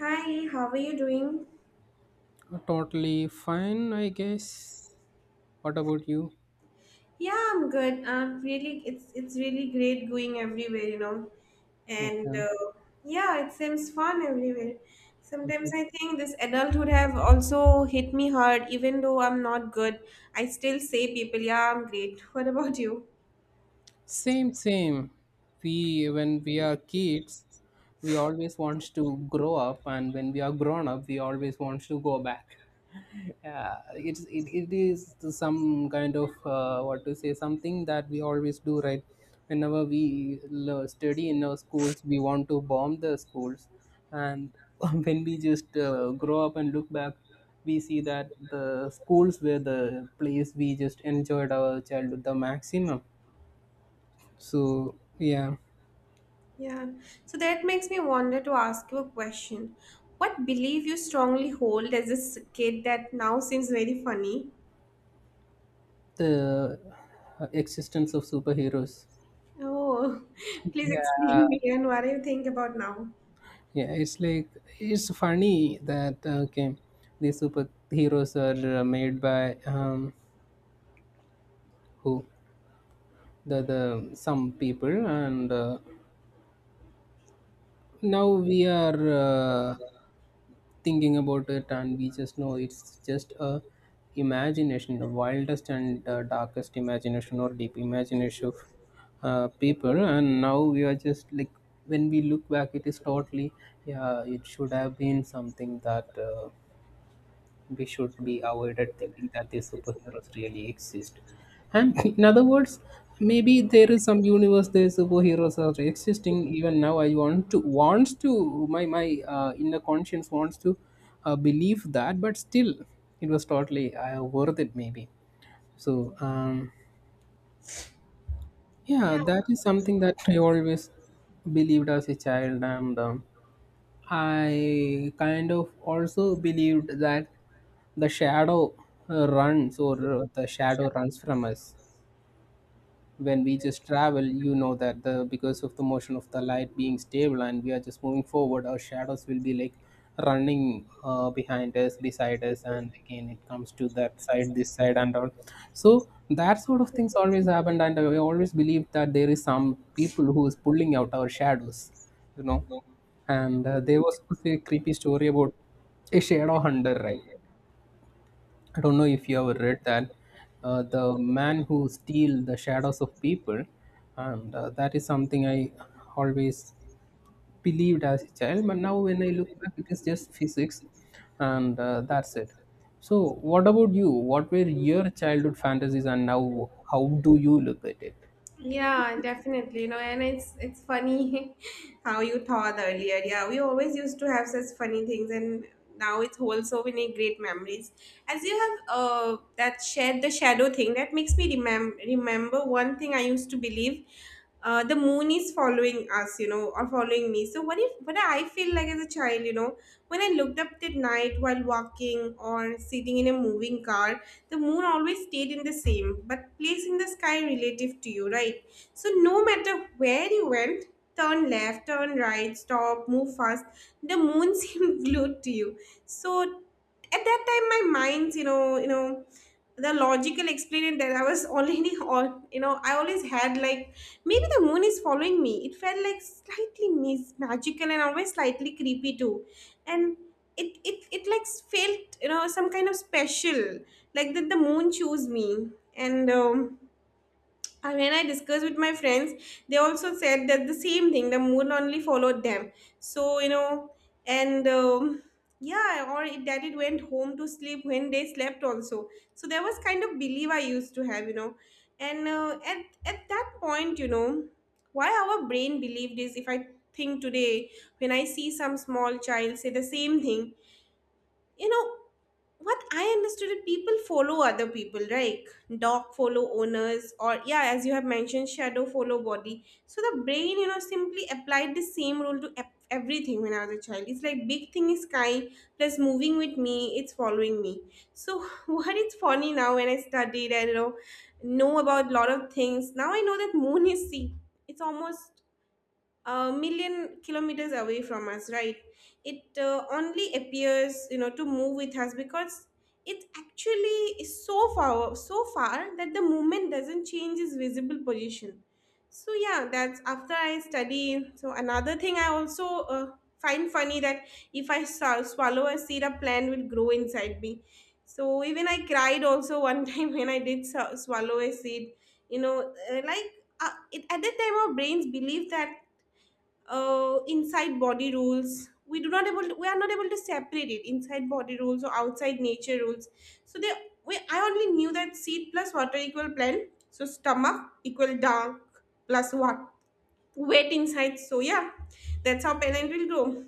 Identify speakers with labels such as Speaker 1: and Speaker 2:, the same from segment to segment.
Speaker 1: Hi, how are you doing?
Speaker 2: Totally fine, I guess. What about you?
Speaker 1: Yeah, I'm good. Really, it's really great going everywhere. And
Speaker 2: Okay.
Speaker 1: uh, yeah, it seems fun everywhere. Sometimes I think this adulthood have also hit me hard, even though I'm not good. I still say people, yeah, I'm great. What about you?
Speaker 2: Same, same. When we are kids, we always want to grow up, and when we are grown up, we always want to go back. Yeah, it is some kind of what to say something that we always do right. Whenever we study in our schools, we want to bomb the schools, and when we just grow up and look back, we see that the schools were the place we just enjoyed our childhood the maximum. So yeah,
Speaker 1: Yeah. So that makes me wonder to ask you a question. What belief you strongly hold as a kid that now seems very funny?
Speaker 2: the existence of superheroes.
Speaker 1: Oh, please
Speaker 2: Yeah,
Speaker 1: explain me and what do you think about now?
Speaker 2: yeah, it's like it's funny that okay, these superheroes are made by who the some people, and now we are uh, thinking about it, and we just know it's just a imagination, the wildest and darkest imagination, or deep imagination of people. And now we are just like when we look back it is totally, yeah, it should have been something that we should be avoided thinking that these superheroes really exist. And in other words, maybe there is some universe there superheroes are existing even now. I want to wants to my my inner conscience wants to believe that, but still it was totally worth it maybe. So yeah, that is something that I always believed as a child and. I kind of also believed that the shadow runs or the shadow runs from us when we just travel, that the because of the motion of the light being stable, and we are just moving forward, our shadows will be like running behind us, beside us, and again it comes to that side, this side and all. So that sort of things always happened, and I always believe that there is some people who is pulling out our shadows you know and there was also a creepy story about a shadow hunter, right? I don't know if you ever read that. The man who steal the shadows of people, and that is something I always believed as a child. But now when I look back, it is just physics, and that's it. So, what about you? What were your childhood fantasies, and now how do you look at it?
Speaker 1: Yeah, definitely. And it's funny how you thought earlier. Yeah, we always used to have such funny things, and now it's whole so many great memories. As you have that shared the shadow thing, that makes me remember one thing I used to believe. The moon is following us, or following me. So what if, what I feel like as a child, when I looked up at night while walking or sitting in a moving car, the moon always stayed in the same but place in the sky, relative to you, right? So no matter where you went, turn left, turn right, stop, move fast, the moon seemed glued to you. So at that time my mind's, the logical explained that I was already, all, I always had, like, maybe the moon is following me. It felt like slightly magical and always slightly creepy too. And it, like, felt, some kind of special, like that the moon chose me. And um, and when I discussed with my friends, they also said that the same thing. The moon only followed them. So, and yeah, or it, that it went home to sleep when they slept also. So there was kind of belief I used to have, and at that point. Why our brain believed is, if I think today when I see some small child say the same thing you know what I understood is people follow other people, right? Dog follow owners, or, yeah, as you have mentioned, shadow follow body. So the brain, simply applied the same rule to everything. When I was a child, it's like big thing is kind plus moving with me, it's following me. So what is funny now? When I studied, I, know about lot of things now. I know that moon is sea. It's almost a million kilometers away from us, right? It only appears, to move with us because it actually is so far, so far that the movement doesn't change its visible position. So yeah, that's after I study. So another thing I also find funny that if I swallow a seed, a plant will grow inside me. So even I cried also one time when I did swallow a seed, like, it, at that time our brains believe that inside body rules we do not able to, we are not able to separate it inside body rules or outside nature rules. So they, we, I only knew that seed plus water equal plant, so stomach equal dark plus what weight inside. So yeah, that's how plant will grow.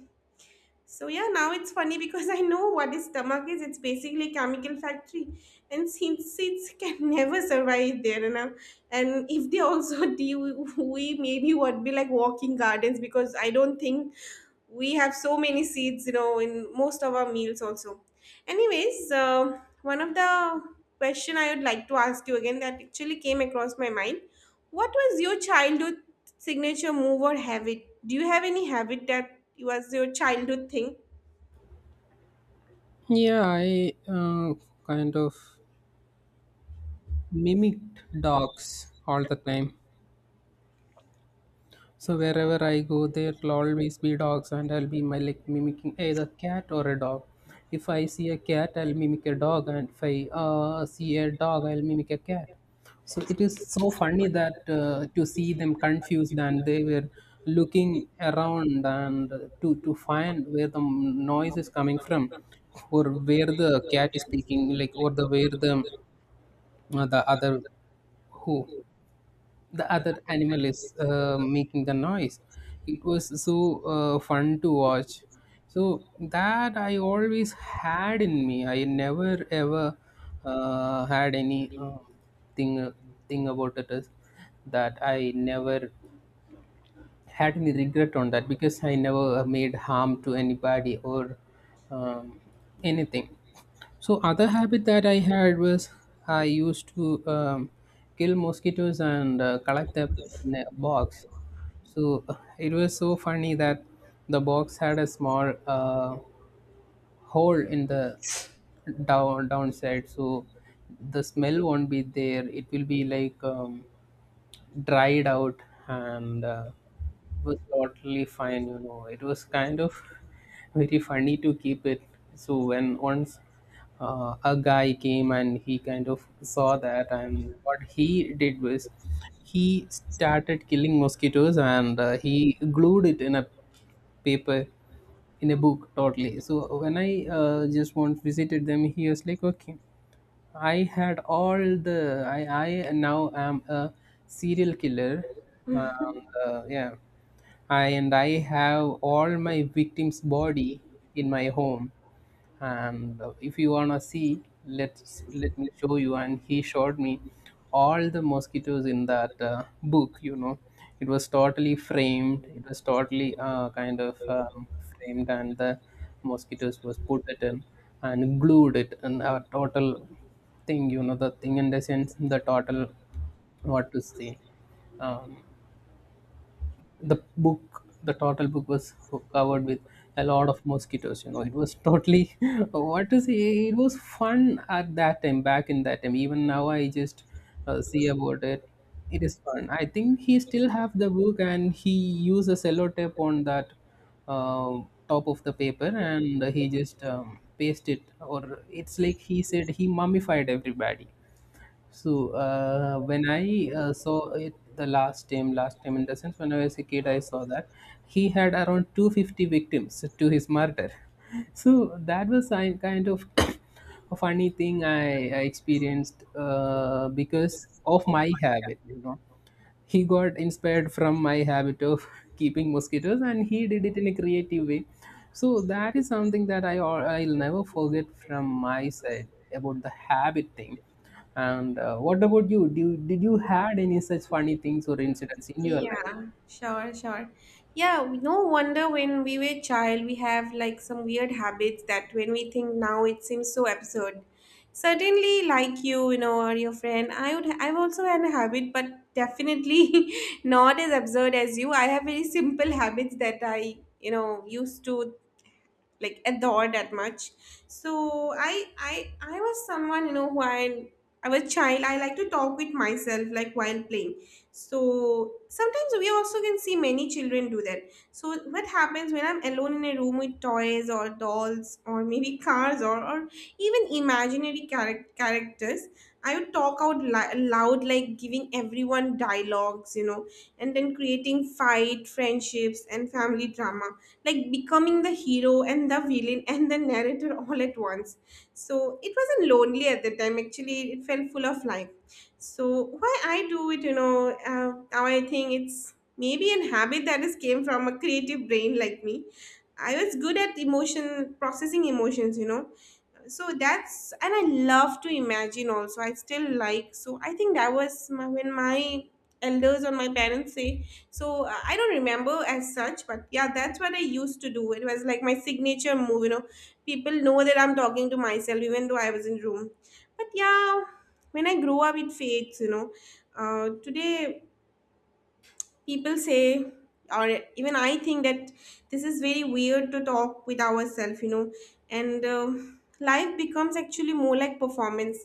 Speaker 1: So yeah, now it's funny because I know what his stomach is. It's basically a chemical factory, and since seeds can never survive there, and I'm- and if they also do, we maybe would be like walking gardens because I don't think we have so many seeds, you know, in most of our meals also. Anyways, one of the question I would like to ask you again that actually came across my mind: what was your childhood signature move or habit? Do you have any habit that was your childhood thing?
Speaker 2: Yeah, I kind of mimicked dogs all the time. So wherever I go, there'll always be dogs, and I'll be my like mimicking either cat or a dog. If I see a cat, I'll mimic a dog, and if I see a dog, I'll mimic a cat. So it is so funny that to see them confused, and they were looking around and to find where the noise is coming from, or where the cat is speaking, like, or the who other animal is making the noise. It was so fun to watch. So that I always had in me, I never ever had any thing thing about it is that I never had any regret on that because I never made harm to anybody or um, anything. So other habit that I had was I used to kill mosquitoes and collect them in a box. So it was so funny that the box had a small hole in the downside, so the smell won't be there, it will be like dried out, and it was totally fine. It was kind of very funny to keep it. So when once a guy came, and he kind of saw that, and what he did was he started killing mosquitoes and he glued it in a paper, in a book totally. So when I just once visited them, he was like, okay, I had all the I now am a serial killer. Um, yeah, I have all my victims' body in my home. And if you wanna see, let me show you. And he showed me all the mosquitoes in that book. It was totally framed. It was totally kind of framed, and the mosquitoes was put it in and glued it in a total thing, the thing in the sense the total what to say, um, the total book was covered with a lot of mosquitoes. It was totally what to say, it was fun at that time, back in that time. Even now I just see about it, it is fun. I think he still have the book and he used a cello tape on that uh, top of the paper, and he just paste it, or it's like he said he mummified everybody. So when I saw it the last time in the sense when I was a kid, I saw that he had around 250 victims to his murder. So that was a kind of a funny thing I experienced because of my habit. He got inspired from my habit of keeping mosquitoes, and he did it in a creative way. So that is something that I'll never forget from my side about the habit thing. And what about you? Did you had any such funny things or incidents in your life?
Speaker 1: Yeah, sure, sure. Yeah, no wonder when we were child, we have like some weird habits that when we think now, it seems so absurd. Certainly, like you, or your friend, I would, I've also had a habit, but definitely not as absurd as you. I have very simple habits that I, used to like adore that much. So I was someone, you know who I was a child, I like to talk with myself like while playing. So sometimes we also can see many children do that. So what happens when I'm alone in a room with toys or dolls or maybe cars, or even imaginary characters, I would talk out loud, like giving everyone dialogues, and then creating fight, friendships, and family drama, like becoming the hero and the villain and the narrator all at once. So it wasn't lonely at the time. Actually, it felt full of life. So why I do it, now I think it's maybe an habit that is came from a creative brain like me. I was good at emotion processing emotions, so that's, and I love to imagine also, I still like. So I think that was my, when my elders or my parents say so, I don't remember as such, but yeah, that's what I used to do. It was like my signature move, people know that I'm talking to myself even though I was in room. But yeah, when I grow up it fades, today people say, or, even I think that this is very weird to talk with ourselves, and life becomes actually more like performance,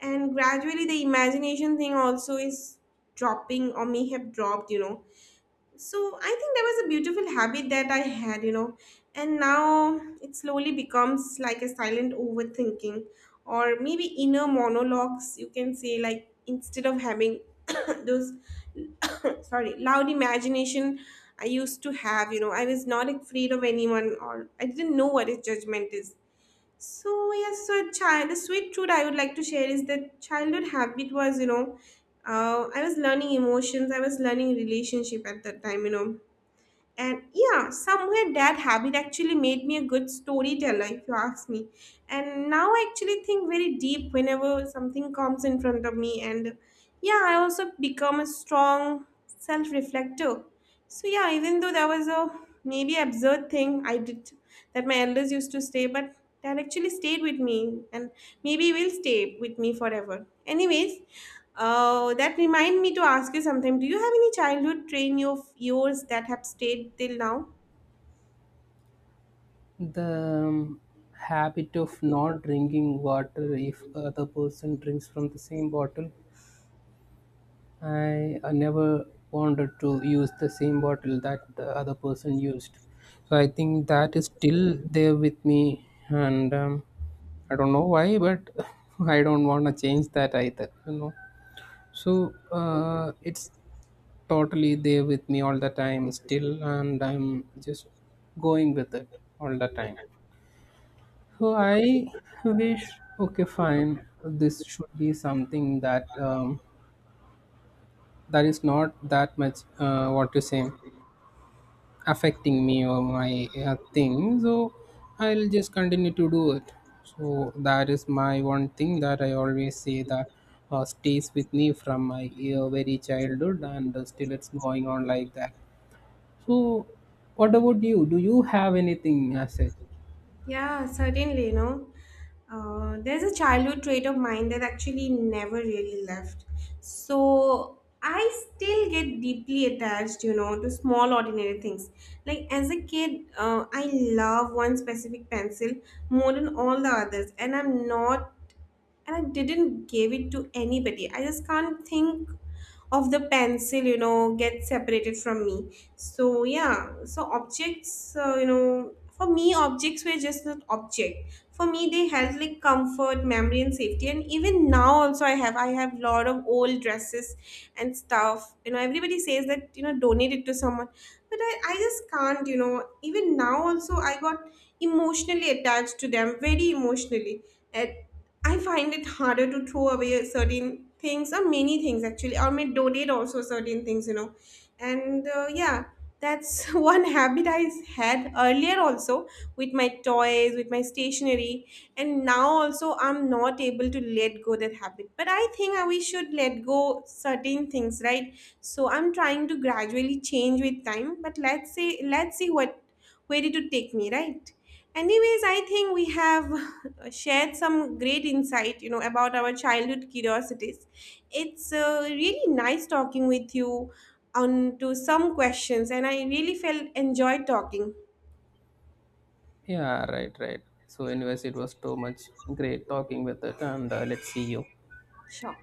Speaker 1: and gradually the imagination thing also is dropping or may have dropped, so I think that was a beautiful habit that I had, and now it slowly becomes like a silent overthinking, or maybe inner monologues, you can say, like instead of having those sorry loud imagination I used to have, I was not afraid of anyone, or I didn't know what is judgment is. So yes, so a child, a sweet truth I would like to share is that childhood habit was, I was learning emotions, I was learning relationship at that time, and yeah, somewhere that habit actually made me a good storyteller, if you ask me. And now I actually think very deep whenever something comes in front of me, and yeah, I also become a strong self-reflector. So yeah, even though that was a maybe absurd thing I did that my elders used to say, but that actually stayed with me and maybe will stay with me forever. Anyways, that remind me to ask you something. Do you have any childhood train of yours that have stayed till now?
Speaker 2: The habit of not drinking water if other person drinks from the same bottle. I never wanted to use the same bottle that the other person used. So I think that is still there with me, and I don't know why, but I don't want to change that either. So it's totally there with me all the time still, and I'm just going with it all the time. So I wish, okay, fine. This should be something that is not that much. What to say? Affecting me or my thing. So I'll just continue to do it. So that is my one thing that I always say that stays with me from my very childhood, and still it's going on like that. So what about you? Do you have anything as such?
Speaker 1: Yeah, certainly. There's a childhood trait of mine that actually never really left. So I still get deeply attached, to small ordinary things. Like as a kid, I love one specific pencil more than all the others, and I'm not, and I didn't give it to anybody. I just can't think of the pencil, get separated from me. So yeah, so objects, for me objects were just not object for me. They held like comfort, memory and safety. And even now also I have lot of old dresses and stuff, everybody says that, donate it to someone, but I just can't, even now also I got emotionally attached to them, very emotionally. And I find it harder to throw away certain things, or many things actually, or may donate also certain things, and yeah, that's one habit I had earlier also, with my toys, with my stationery. And now also I'm not able to let go that habit, but I think we should let go certain things, right? So I'm trying to gradually change with time, but let's say, let's see what, where it would take me, right? Anyways, I think we have shared some great insight, about our childhood curiosities. It's really nice talking with you on to some questions, and I really felt enjoyed talking.
Speaker 2: Yeah, right, right. So anyways, it was too much great talking with it, and let's see you.
Speaker 1: Sure.